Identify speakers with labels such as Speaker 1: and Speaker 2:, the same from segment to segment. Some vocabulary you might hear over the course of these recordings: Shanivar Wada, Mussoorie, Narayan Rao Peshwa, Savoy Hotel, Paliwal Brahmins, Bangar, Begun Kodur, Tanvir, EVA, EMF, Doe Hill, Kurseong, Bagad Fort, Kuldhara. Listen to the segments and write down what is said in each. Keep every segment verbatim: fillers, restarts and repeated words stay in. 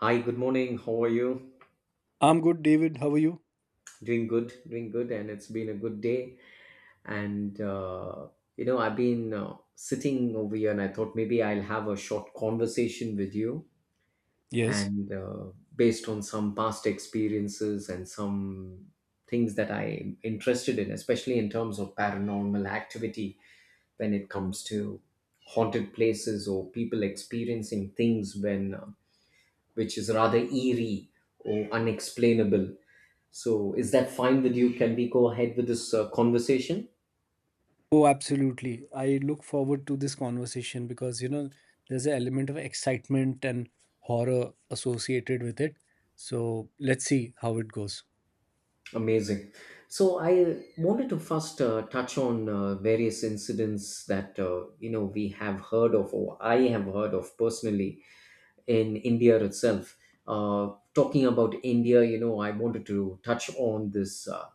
Speaker 1: Hi, good morning. How are you?
Speaker 2: I'm good, David. How are you?
Speaker 1: Doing good, doing good, and it's been a good day. And uh, you know, I've been uh, sitting over here, and I thought maybe I'll have a short conversation with you,
Speaker 2: Yes.
Speaker 1: and uh, based on some past experiences and some things that I'm interested in, especially in terms of paranormal activity, when it comes to haunted places or people experiencing things when uh, which is rather eerie or unexplainable. So is that fine with you? Can we go ahead with this uh, conversation?
Speaker 2: Oh, absolutely. I look forward to this conversation because, you know, there's an element of excitement and horror associated with it. So let's see how it goes.
Speaker 1: Amazing. So I wanted to first uh, touch on uh, various incidents that uh, you know we have heard of, or I have heard of personally in India itself. Uh, talking about India, you know, I wanted to touch on this uh,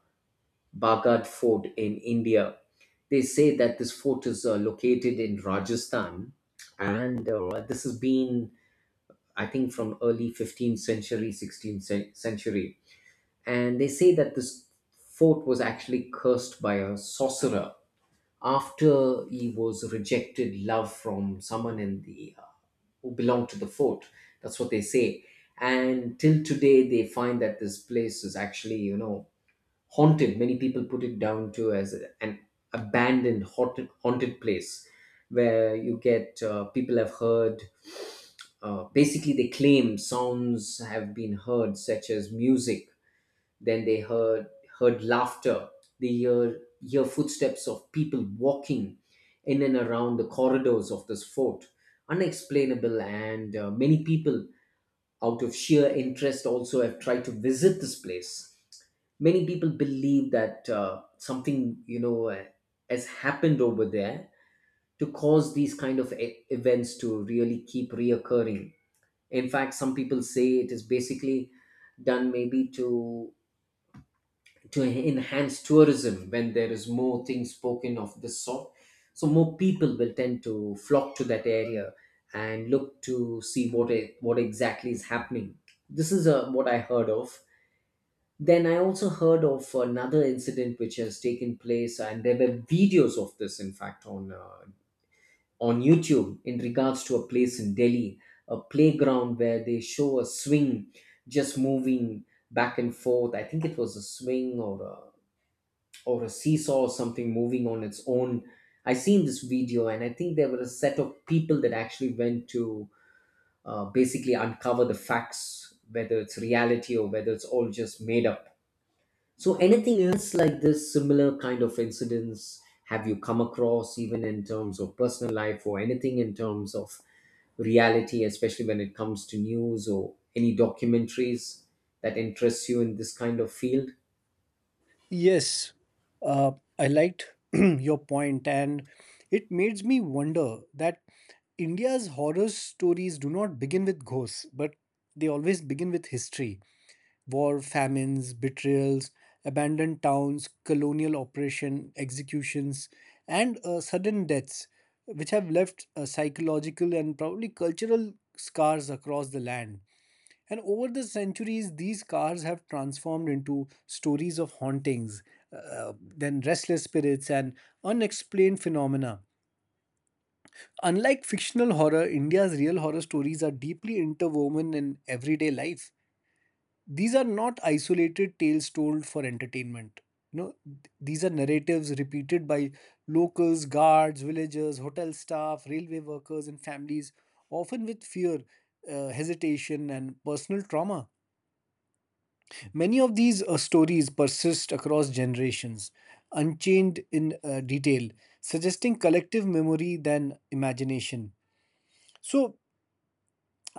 Speaker 1: Bagad Fort in India. They say that this fort is uh, located in Rajasthan, and uh, this has been, I think, from early fifteenth century, sixteenth cen- century. And they say that this fort was actually cursed by a sorcerer after he was rejected love from someone in the uh, who belonged to the fort. That's what they say. And till today, they find that this place is actually, you know, haunted. Many people put it down to as a- an abandoned haunted, haunted place where you get uh, people have heard, uh, basically they claim sounds have been heard such as music, then they heard heard laughter, they hear hear footsteps of people walking in and around the corridors of this fort. Unexplainable. And uh, many people out of sheer interest also have tried to visit this place. Many people believe that uh, something, you know uh, has happened over there to cause these kind of e- events to really keep reoccurring. In fact, some people say it is basically done maybe to to enhance tourism. When there is more things spoken of this sort, so more people will tend to flock to that area and look to see what e- what exactly is happening. This is uh, what I heard of. Then I also heard of another incident which has taken place, and there were videos of this, in fact, on uh, on YouTube, in regards to a place in Delhi, a playground where they show a swing just moving back and forth. I think it was a swing or a or a seesaw or something moving on its own. I seen this video, and I think there were a set of people that actually went to uh, basically uncover the facts, whether it's reality or whether it's all just made up. So, anything else like this, similar kind of incidents, have you come across, even in terms of personal life or anything in terms of reality, especially when it comes to news or any documentaries, that interests you in this kind of field?
Speaker 2: Yes, uh, I liked your point, and it makes me wonder that India's horror stories do not begin with ghosts, but they always begin with history. War, famines, betrayals, abandoned towns, colonial oppression, executions, and uh, sudden deaths, which have left uh, psychological and probably cultural scars across the land. And over the centuries, these scars have transformed into stories of hauntings, uh, uh, then restless spirits, and unexplained phenomena. Unlike fictional horror, India's real horror stories are deeply interwoven in everyday life. These are not isolated tales told for entertainment. You know, th- these are narratives repeated by locals, guards, villagers, hotel staff, railway workers, and families, often with fear, uh, hesitation, and personal trauma. Many of these uh, stories persist across generations, unchained in uh, detail, suggesting collective memory than imagination. So,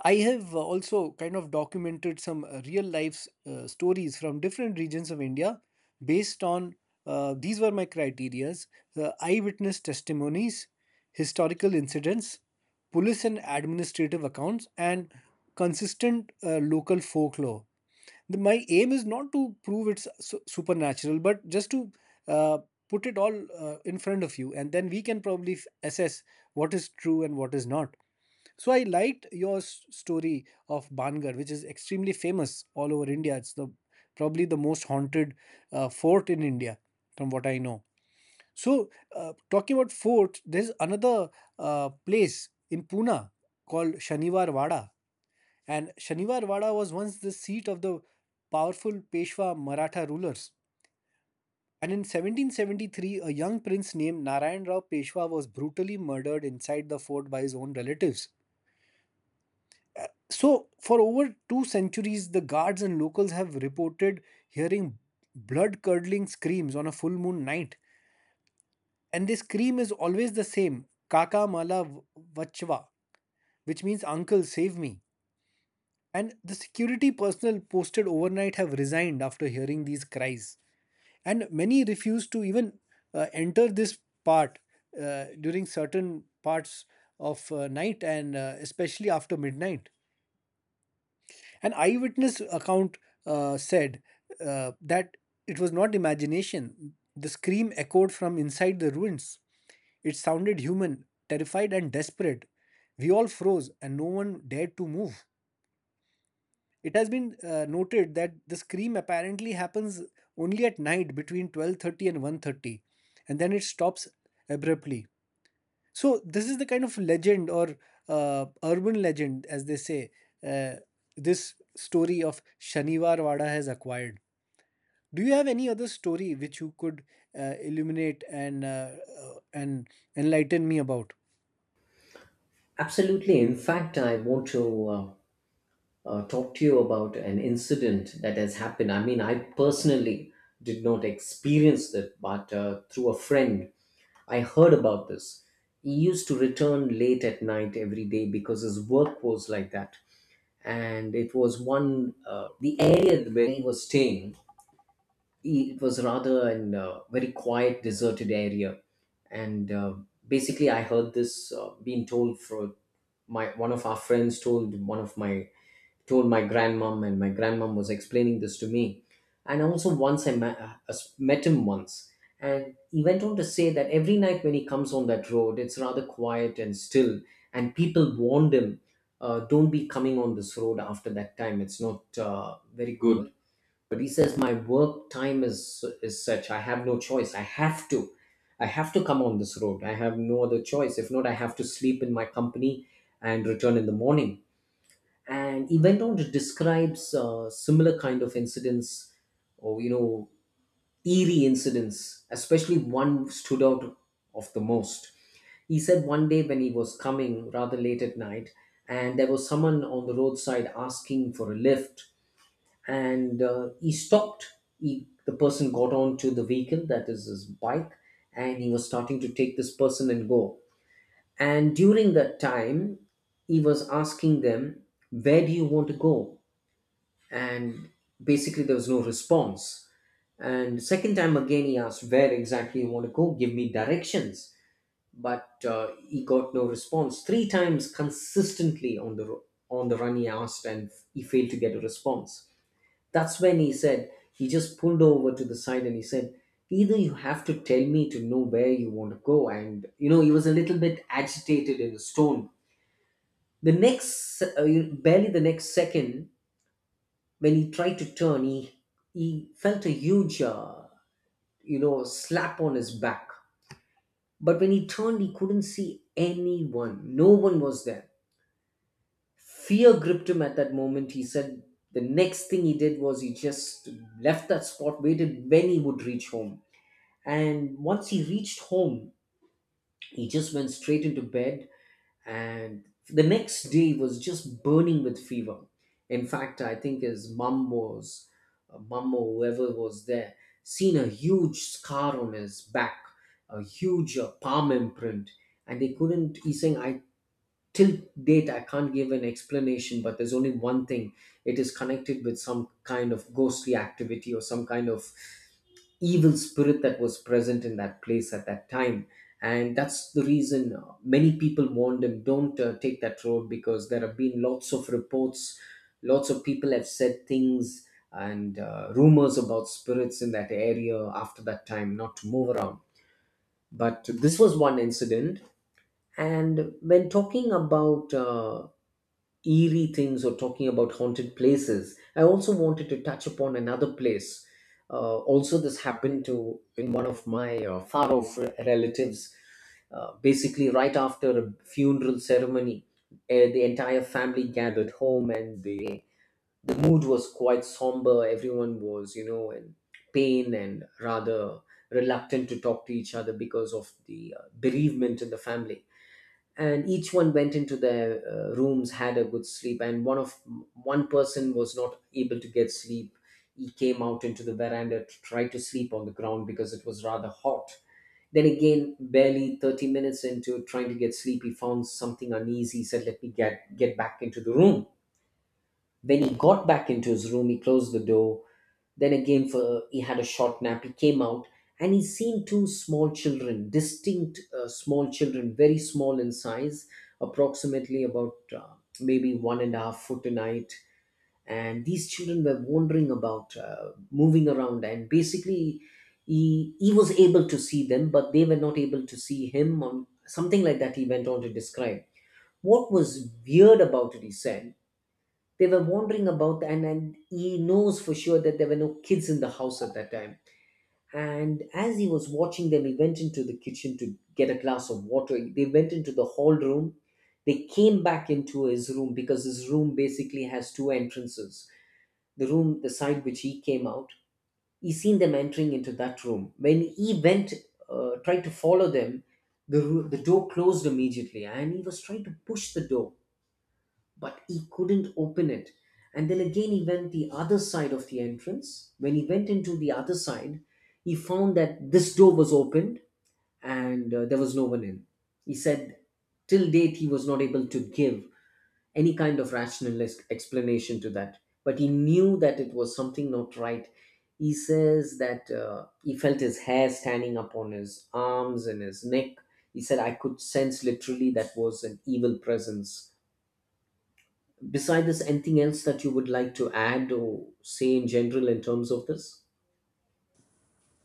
Speaker 2: I have uh, also kind of documented some uh, real life uh, stories from different regions of India based on, uh, these were my criterias: uh, eyewitness testimonies, historical incidents, police and administrative accounts, and consistent uh, local folklore. The- my aim is not to prove it's su- supernatural, but just to uh, put it all uh, in front of you, and then we can probably f- assess what is true and what is not. So I liked your s- story of Bangar, which is extremely famous all over India. It's the probably the most haunted uh, fort in India, from what I know. So uh, talking about fort, there's another uh, place in Pune called Shanivar Wada, and Shanivar Wada was once the seat of the powerful Peshwa Maratha rulers. And in seventeen seventy-three, a young prince named Narayan Rao Peshwa was brutally murdered inside the fort by his own relatives. So, for over two centuries, the guards and locals have reported hearing blood curdling screams on a full moon night. And this scream is always the same Kaka Mala v- Vachva, which means Uncle, save me. And the security personnel posted overnight have resigned after hearing these cries. And many refuse to even uh, enter this part uh, during certain parts of uh, night and uh, especially after midnight. An eyewitness account uh, said uh, that it was not imagination. The scream echoed from inside the ruins. It sounded human, terrified, and desperate. We all froze, and no one dared to move. It has been uh, noted that the scream apparently happens only at night between twelve thirty and one thirty, and then it stops abruptly. So this is the kind of legend or uh, urban legend, as they say. uh, this story of Shaniwar Wada has acquired. Do you have any other story which you could uh, illuminate and uh, uh, and enlighten me about?
Speaker 1: Absolutely. In fact, I want to uh, uh, talk to you about an incident that has happened. I mean, I personally did not experience it, but uh, through a friend I heard about this. He used to return late at night every day because his work was like that. And it was one, uh, the area where he was staying, he, it was rather an uh, very quiet, deserted area. And uh, basically, I heard this uh, being told for my one of our friends told one of my told my grandmom, and my grandmom was explaining this to me. And also once I met, uh, uh, met him once, and he went on to say that every night when he comes on that road, it's rather quiet and still. And people warned him, uh, don't be coming on this road after that time, it's not uh, very good. But he says, my work time is is such, I have no choice, I have to i have to come on this road. I have no other choice. If not, I have to sleep in my company and return in the morning. And he went on to describe uh, similar kind of incidents, or you know, eerie incidents. Especially one stood out of the most. He said one day when he was coming rather late at night, and there was someone on the roadside asking for a lift. And uh, he stopped. He, the person got onto the vehicle, that is his bike, and he was starting to take this person and go. And during that time, he was asking them, where do you want to go? And basically there was no response. And second time again he asked, where exactly you want to go, give me directions. But uh, he got no response. Three times consistently on the ro- on the run he asked, and he failed to get a response. That's when he said he just pulled over to the side and he said, either you have to tell me to know where you want to go. And you know, he was a little bit agitated in his tone. The next uh, barely the next second, when he tried to turn, he, he felt a huge, uh, you know, slap on his back. But when he turned, he couldn't see anyone. No one was there. Fear gripped him at that moment. He said the next thing he did was he just left that spot, waited when he would reach home. And once he reached home, he just went straight into bed, and the next day was just burning with fever. In fact, I think his mum was, uh, mum or whoever was there, seen a huge scar on his back, a huge uh, palm imprint, and they couldn't. He's saying, "I till date I can't give an explanation, but there's only one thing, it is connected with some kind of ghostly activity or some kind of evil spirit that was present in that place at that time. And that's the reason uh, many people warned him, don't uh, take that road, because there have been lots of reports, lots of people have said things, and uh, rumors about spirits in that area after that time, not to move around. But this was one incident. And when talking about uh, eerie things or talking about haunted places, I also wanted to touch upon another place. Uh, also, this happened to in one of my uh, far off re- relatives. Uh, basically, right after a funeral ceremony, eh, the entire family gathered home, and the the mood was quite somber. Everyone was, you know, in pain and rather reluctant to talk to each other because of the uh, bereavement in the family. And each one went into their uh, rooms, had a good sleep. And one of one person was not able to get sleep. He came out into the veranda to try to sleep on the ground because it was rather hot. Then again, barely thirty minutes into trying to get sleep, he found something uneasy. He said, let me get get back into the room. When he got back into his room, he closed the door. Then again, for he had a short nap. He came out and he seen two small children, distinct uh, small children, very small in size, approximately about uh, maybe one and a half foot in height. And these children were wandering about, uh, moving around, and basically, he he was able to see them, but they were not able to see him. Or something like that. He went on to describe what was weird about it. He said they were wandering about, and, and he knows for sure that there were no kids in the house at that time. And as he was watching them, he went into the kitchen to get a glass of water. They went into the hall room, they came back into his room, because his room basically has two entrances. The room, the side which he came out, he seen them entering into that room. When he went uh, tried to follow them, the, ru- the door closed immediately, and he was trying to push the door, but he couldn't open it. And then again, he went the other side of the entrance. When he went into the other side, he found that this door was opened and uh, there was no one in. He said, till date, he was not able to give any kind of rational ex- explanation to that. But he knew that it was something not right. He says that uh, he felt his hair standing up on his arms and his neck. He said, I could sense literally that was an evil presence. Besides this, anything else that you would like to add or say in general in terms of this?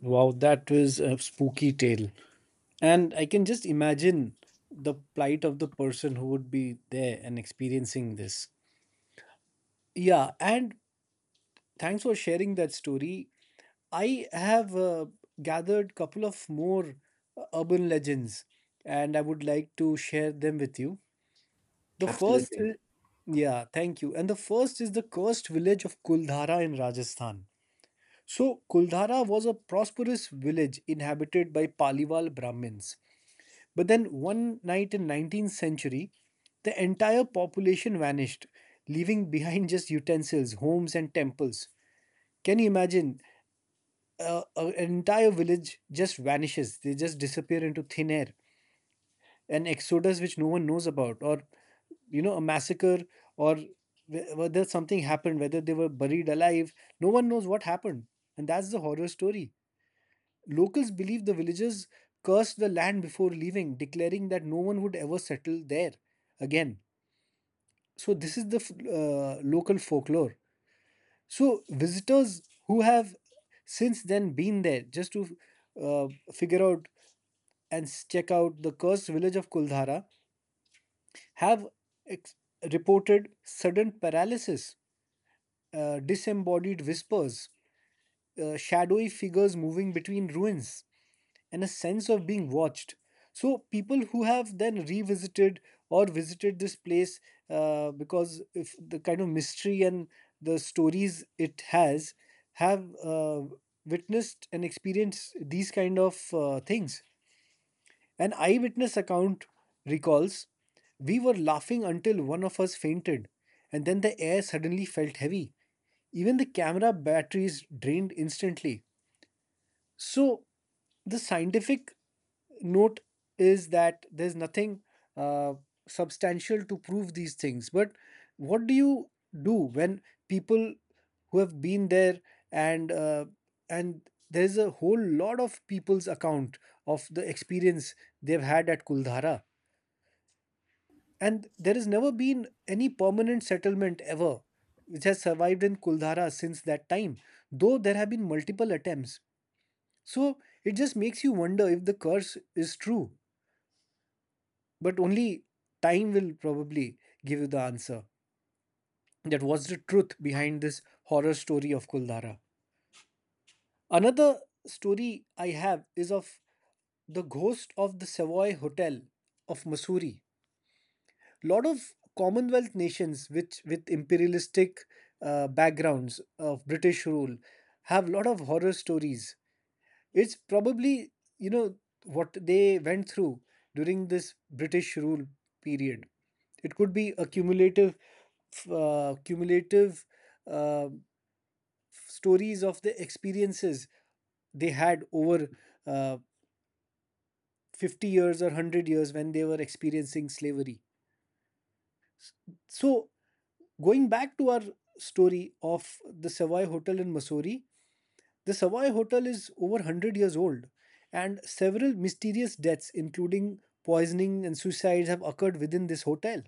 Speaker 2: Wow, that was a spooky tale, and I can just imagine the plight of the person who would be there and experiencing this. Yeah, and thanks for sharing that story. I have uh, gathered couple of more uh, urban legends, and I would like to share them with you. The first,
Speaker 1: Absolutely.
Speaker 2: is, yeah, thank you. And the first is the cursed village of Kuldhara in Rajasthan. So Kuldhara was a prosperous village inhabited by Paliwal Brahmins. But then one night in nineteenth century, the entire population vanished, leaving behind just utensils, homes, and temples. Can you imagine? Uh, an entire village just vanishes. They just disappear into thin air. An exodus which no one knows about, or you know, a massacre, or wh- whether something happened, whether they were buried alive. No one knows what happened, and that's the horror story. Locals believe the villagers cursed the land before leaving, declaring that no one would ever settle there again. So this is the f- uh, local folklore. So visitors who have since then been there just to uh, figure out and check out the cursed village of Kuldhara, have ex- reported sudden paralysis, uh, disembodied whispers, uh, shadowy figures moving between ruins, and a sense of being watched. So, people who have then revisited or visited this place uh, because if the kind of mystery and the stories it has have uh, witnessed and experienced these kind of uh, things. An eyewitness account recalls, "We were laughing until one of us fainted, and then the air suddenly felt heavy. Even the camera batteries drained instantly." So, the scientific note is that there's nothing uh, substantial to prove these things. But what do you do when people who have been there and uh, and there's a whole lot of people's account of the experience they've had at Kuldhara, and there has never been any permanent settlement ever which has survived in Kuldhara since that time, though there have been multiple attempts. So it just makes you wonder if the curse is true, but only time will probably give you the answer. That was the truth behind this horror story of Kuldhara. Another story I have is of the ghost of the Savoy Hotel of Missouri. Lot of Commonwealth nations, which with imperialistic uh, backgrounds of British rule, have lot of horror stories. It's probably you know what they went through during this British rule period. It could be a cumulative, f- uh, cumulative uh, stories of the experiences they had over uh, fifty years or one hundred years when they were experiencing slavery. So, going back to our story of the Savoy Hotel in Mussoorie, the Savoy Hotel is over one hundred years old, and several mysterious deaths, including poisoning and suicides, have occurred within this hotel.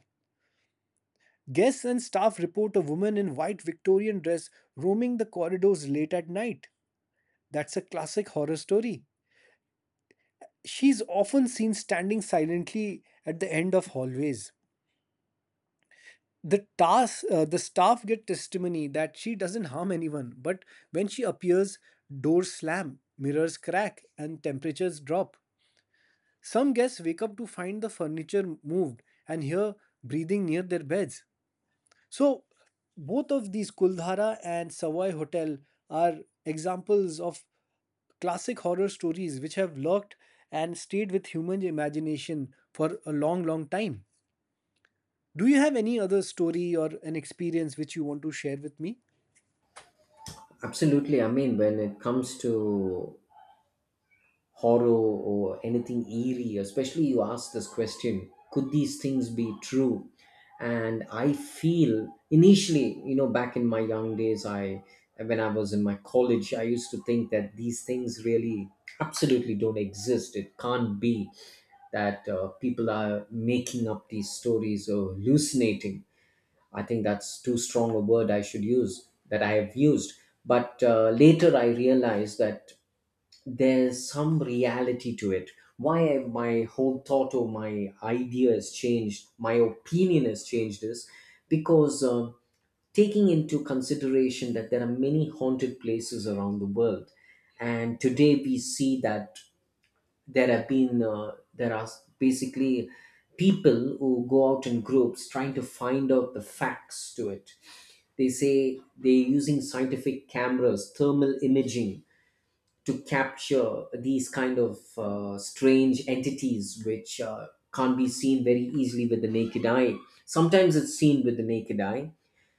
Speaker 2: Guests and staff report a woman in white Victorian dress roaming the corridors late at night. That's a classic horror story. She's often seen standing silently at the end of hallways. the task uh, the staff get testimony that she doesn't harm anyone, but when she appears, doors slam, mirrors crack, and temperatures drop. Some guests wake up to find the furniture moved and hear breathing near their beds. So both of these Kuldhara and Savoy Hotel are examples of classic horror stories which have lurked and stayed with human imagination for a long long time. Do you have any other story or an experience which you want to share with me?
Speaker 1: Absolutely. I mean, when it comes to horror or anything eerie, especially you ask this question, could these things be true? And I feel initially, you know back in my young days, I when I was in my college, I used to think that these things really absolutely don't exist, it can't be that uh, people are making up these stories or hallucinating. I think that's too strong a word I should use that I have used. But uh, later I realized that there's some reality to it. Why I- my whole thought or my idea has changed, my opinion has changed, is because uh, taking into consideration that there are many haunted places around the world. And today we see that there have been uh, there are basically people who go out in groups trying to find out the facts to it. They say they're using scientific cameras, thermal imaging to capture these kind of uh, strange entities which uh, can't be seen very easily with the naked eye. Sometimes it's seen with the naked eye,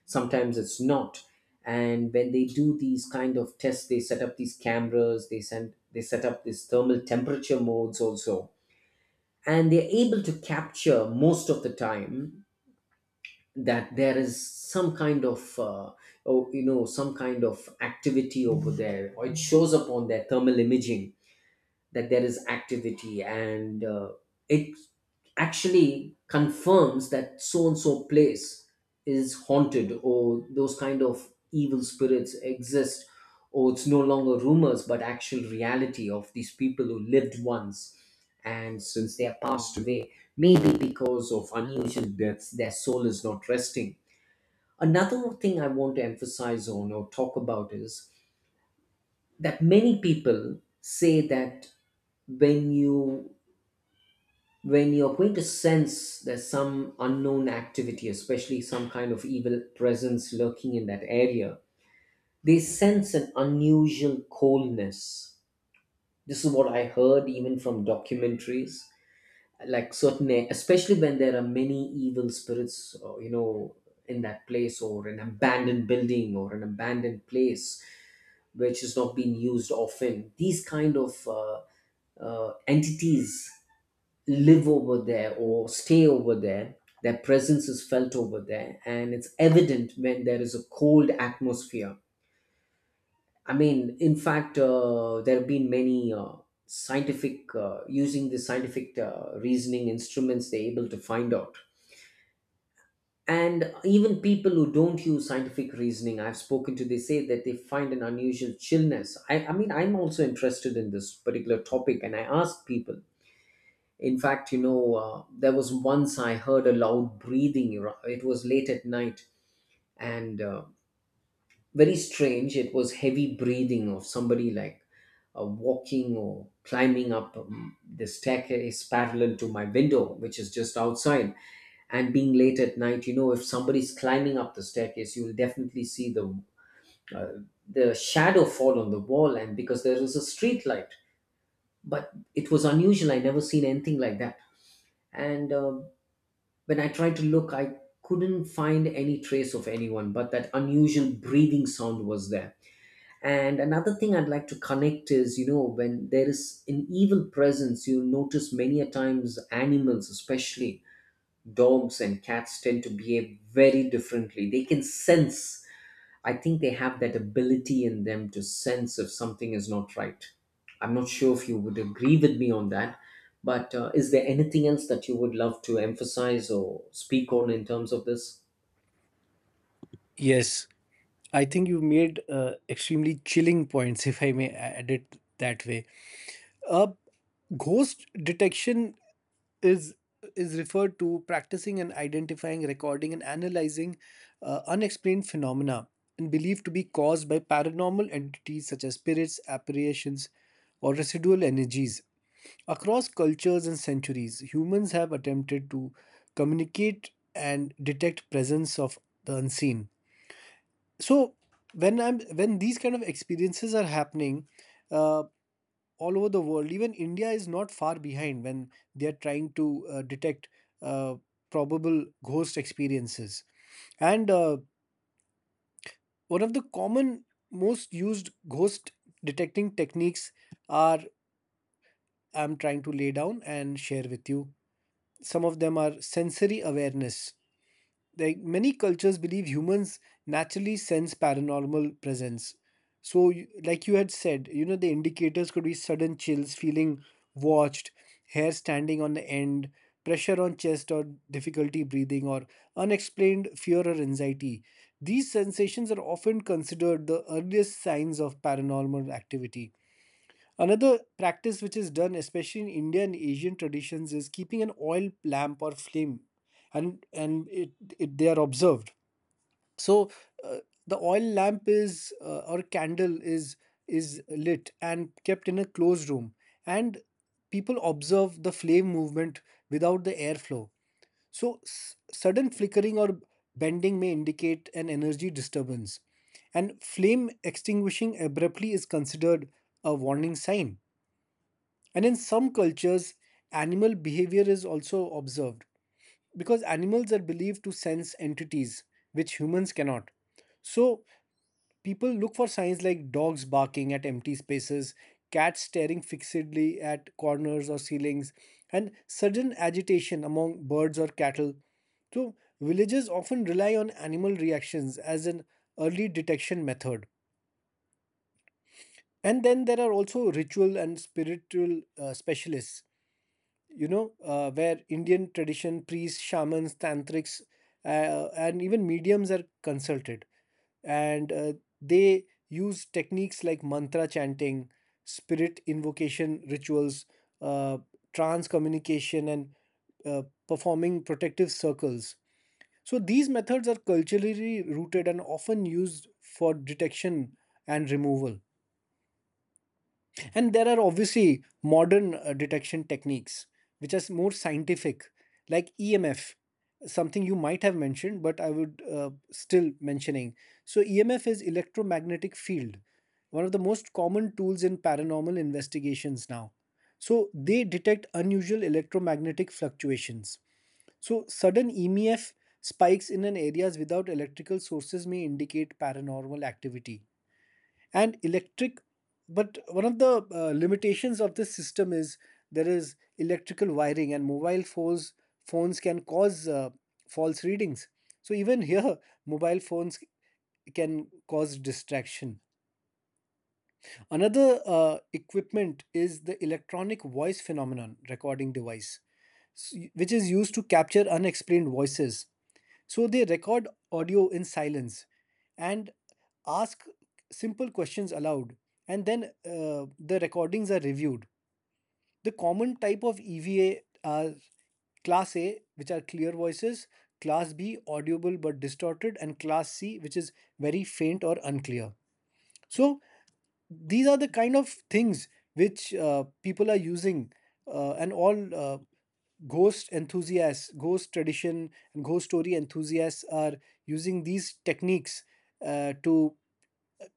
Speaker 1: sometimes it's not. And when they do these kind of tests, they set up these cameras, they send they set up these thermal temperature modes also. And they're able to capture most of the time that there is some kind of uh, oh, you know some kind of activity over there, or it shows up on their thermal imaging that there is activity, and uh, it actually confirms that so and so place is haunted, or those kind of evil spirits exist, or it's no longer rumors but actual reality of these people who lived once. And since they have passed away, maybe because of unusual deaths, their soul is not resting. Another thing I want to emphasize on or talk about is that many people say that when you when you're going to sense there's some unknown activity, especially some kind of evil presence lurking in that area, they sense an unusual coldness. This is what I heard even from documentaries, like certain, especially when there are many evil spirits, uh, you know, in that place or an abandoned building or an abandoned place which is not being used often. These kind of uh, uh, entities live over there or stay over there. Their presence is felt over there, and it's evident when there is a cold atmosphere. I mean, in fact, uh, there have been many uh, scientific, uh, using the scientific uh, reasoning instruments, they're able to find out. And even people who don't use scientific reasoning, I've spoken to, they say that they find an unusual chillness. I, I mean, I'm also interested in this particular topic, and I ask people. In fact, you know, uh, there was once I heard a loud breathing. ar- It was late at night, and uh, very strange. It was heavy breathing of somebody like uh, walking or climbing up um, the staircase parallel to my window, which is just outside. And being late at night, you know, if somebody's climbing up the staircase, you'll definitely see the uh, the shadow fall on the wall, and because there is a street light. But it was unusual. I never seen anything like that. And uh, when I tried to look, I couldn't find any trace of anyone, but that unusual breathing sound was there. And another thing I'd like to connect is, you know, when there is an evil presence, you notice many a times animals, especially dogs and cats, tend to behave very differently. They can sense, I think they have that ability in them to sense if something is not right. I'm not sure if you would agree with me on that, but uh, is there anything else that you would love to emphasize or speak on in terms of this?
Speaker 2: Yes, I think you have made uh, extremely chilling points, if I may add it that way. Uh, Ghost detection is is referred to practicing and identifying, recording and analyzing uh, unexplained phenomena and believed to be caused by paranormal entities such as spirits, apparitions, or residual energies. Across cultures and centuries, humans have attempted to communicate and detect presence of the unseen. So when I'm when these kind of experiences are happening uh, all over the world, even India is not far behind when they are trying to uh, detect uh, probable ghost experiences. And uh, one of the common most used ghost detecting techniques are I'm trying to lay down and share with you. Some of them are sensory awareness. Like many cultures believe humans naturally sense paranormal presence. So, you- like you had said, you know, the indicators could be sudden chills, feeling watched, hair standing on the end, pressure on chest, or difficulty breathing, or unexplained fear or anxiety. These sensations are often considered the earliest signs of paranormal activity. Another practice which is done, especially in India and Asian traditions, is keeping an oil lamp or flame, and and it, it they are observed. So uh, the oil lamp is uh, or candle is is lit and kept in a closed room, and people observe the flame movement without the airflow. So s- sudden flickering or bending may indicate an energy disturbance, and flame extinguishing abruptly is considered a warning sign. And in some cultures, animal behavior is also observed because animals are believed to sense entities which humans cannot. So, people look for signs like dogs barking at empty spaces, cats staring fixedly at corners or ceilings, and sudden agitation among birds or cattle. So, villages often rely on animal reactions as an early detection method. And then there are also ritual and spiritual uh, specialists, you know, uh, where Indian tradition, priests, shamans, tantrics, uh, and even mediums are consulted. And uh, they use techniques like mantra chanting, spirit invocation rituals, uh, trance communication, and uh, performing protective circles. So these methods are culturally rooted and often used for detection and removal. And there are obviously modern uh, detection techniques which are more scientific, like E M F, something you might have mentioned, but I would uh, still mentioning. So E M F is electromagnetic field, one of the most common tools in paranormal investigations now. So they detect unusual electromagnetic fluctuations. So sudden E M F spikes in an areas without electrical sources may indicate paranormal activity and electric, but one of the uh, limitations of this system is there is electrical wiring and mobile phones. Phones can cause uh, false readings. So even here, mobile phones can cause distraction. Another uh, equipment is the electronic voice phenomenon recording device, s- which is used to capture unexplained voices. So they record audio in silence and ask simple questions aloud, and then uh, the recordings are reviewed. The common type of eva are Class A, which are clear voices, Class B, audible but distorted, and Class C, which is very faint or unclear. So these are the kind of things which uh, people are using, uh, and all uh, ghost enthusiasts, ghost tradition, and ghost story enthusiasts are using these techniques uh, to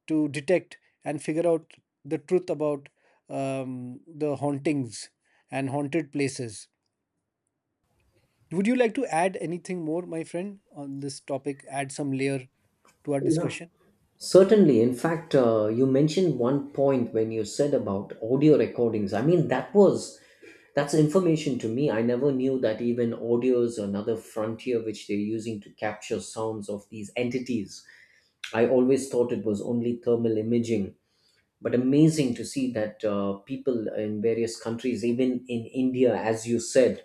Speaker 2: to detect and figure out the truth about um, the hauntings and haunted places. Would you like to add anything more, my friend, on this topic? Add some layer to our
Speaker 1: Yeah.
Speaker 2: discussion?
Speaker 1: Certainly. In fact, uh, you mentioned one point when you said about audio recordings. I mean, that was that's information to me. I never knew that even audio is another frontier which they're using to capture sounds of these entities. I always thought it was only thermal imaging, but amazing to see that uh, people in various countries, even in India, as you said,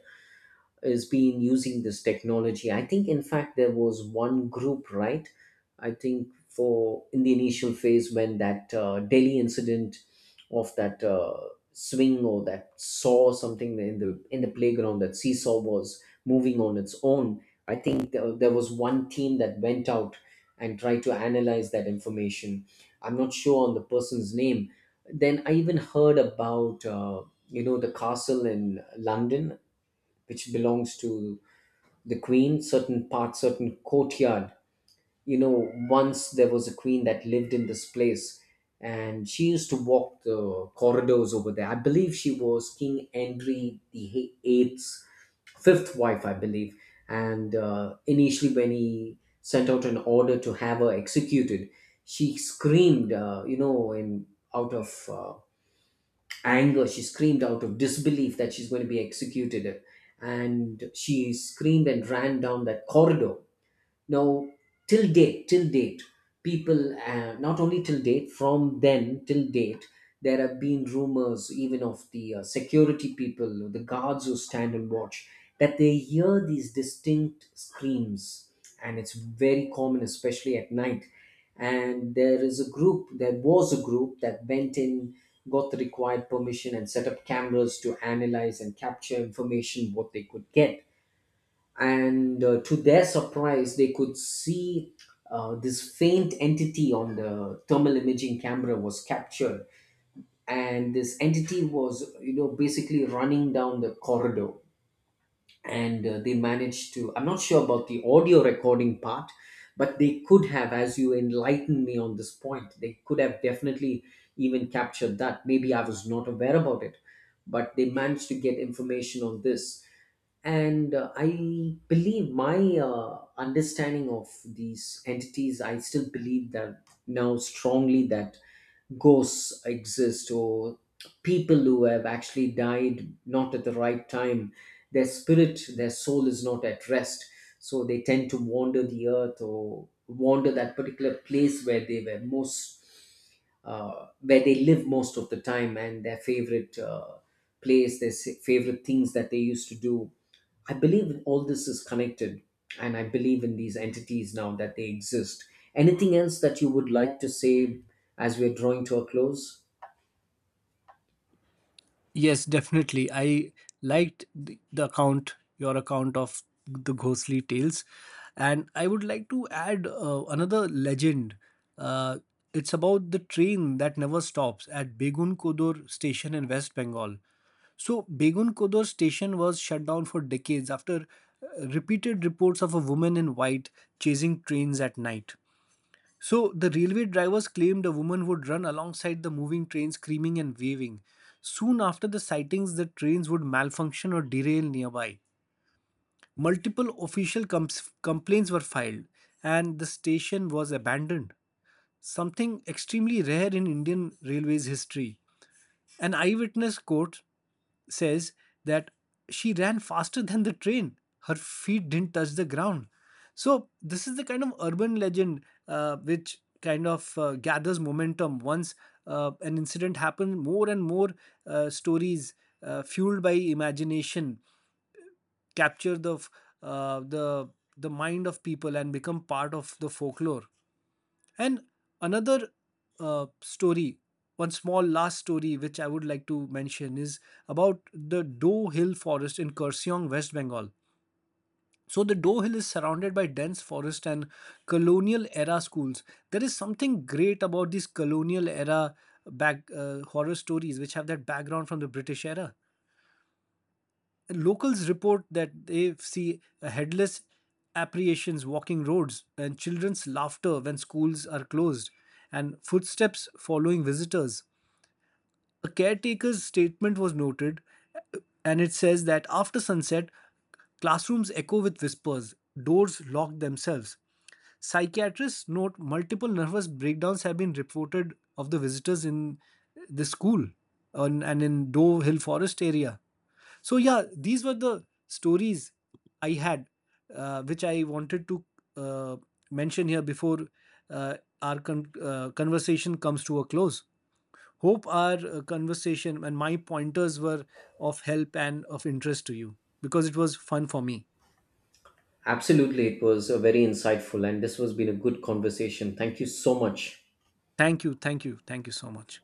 Speaker 1: has been using this technology. I think, in fact, there was one group, right? I think for in the initial phase when that uh, Delhi incident of that uh, swing, or that saw something in the in the playground, that seesaw was moving on its own. I think there, there was one team that went out and tried to analyze that information. I'm not sure on the person's name. Then I even heard about uh, you know the castle in London which belongs to the queen, certain part, certain courtyard. You know, once there was a queen that lived in this place, and she used to walk the corridors over there. I believe she was King Henry the Eighth's fifth wife, I believe. And uh, initially, when he sent out an order to have her executed, she screamed, uh, you know, in out of uh, anger, she screamed out of disbelief that she's going to be executed, and she screamed and ran down that corridor. Now, till date, till date, people, uh, not only till date, from then till date, there have been rumors even of the uh, security people, the guards who stand and watch, that they hear these distinct screams. And it's very common, especially at night. And there is a group, there was a group that went in, got the required permission, and set up cameras to analyze and capture information what they could get. And uh, to their surprise, they could see uh, this faint entity on the thermal imaging camera was captured, and this entity was, you know, basically running down the corridor. And uh, they managed to, I'm not sure about the audio recording part, but they could have, as you enlightened me on this point, they could have definitely even captured that, maybe I was not aware about it, but they managed to get information on this. And uh, I believe my uh, understanding of these entities, I still believe that now strongly, that ghosts exist, or people who have actually died not at the right time, their spirit, their soul is not at rest, so they tend to wander the earth or wander that particular place where they were most uh, where they live most of the time, and their favorite uh, place, their s- favorite things that they used to do. I believe all this is connected, and I believe in these entities now that they exist. Anything else that you would like to say as we're drawing to a close?
Speaker 2: Yes, definitely. I liked the, the account, your account of the ghostly tales, and I would like to add uh, another legend. Uh, it's about the train that never stops at Begun Kodur station in West Bengal. So Begun Kodur station was shut down for decades after uh, repeated reports of a woman in white chasing trains at night. So the railway drivers claimed a woman would run alongside the moving train screaming and waving. Soon after the sightings, the trains would malfunction or derail nearby. Multiple official comps- complaints were filed and the station was abandoned. Something extremely rare in Indian Railways history. An eyewitness quote says that she ran faster than the train. Her feet didn't touch the ground. So, this is the kind of urban legend uh, which kind of uh, gathers momentum once uh, an incident happens. More and more uh, stories uh, fueled by imagination capture the uh, the the mind of people and become part of the folklore. And another uh, story, one small last story which I would like to mention is about the Doe Hill Forest in Kurseong, West Bengal. So the Doe Hill is surrounded by dense forest and colonial era schools. There is something great about these colonial era back uh, horror stories which have that background from the British era. Locals report that they see headless apparitions walking roads and children's laughter when schools are closed and footsteps following visitors. A caretaker's statement was noted, and it says that after sunset, classrooms echo with whispers, doors lock themselves. Psychiatrists note multiple nervous breakdowns have been reported of the visitors in the school and and in Dove Hill Forest area. So yeah, these were the stories I had, uh, which I wanted to uh, mention here before uh, our con- uh, conversation comes to a close. Hope our uh, conversation and my pointers were of help and of interest to you because it was fun for me.
Speaker 1: Absolutely, it was a very insightful, and this has been a good conversation. Thank you so much.
Speaker 2: Thank you, thank you, thank you so much.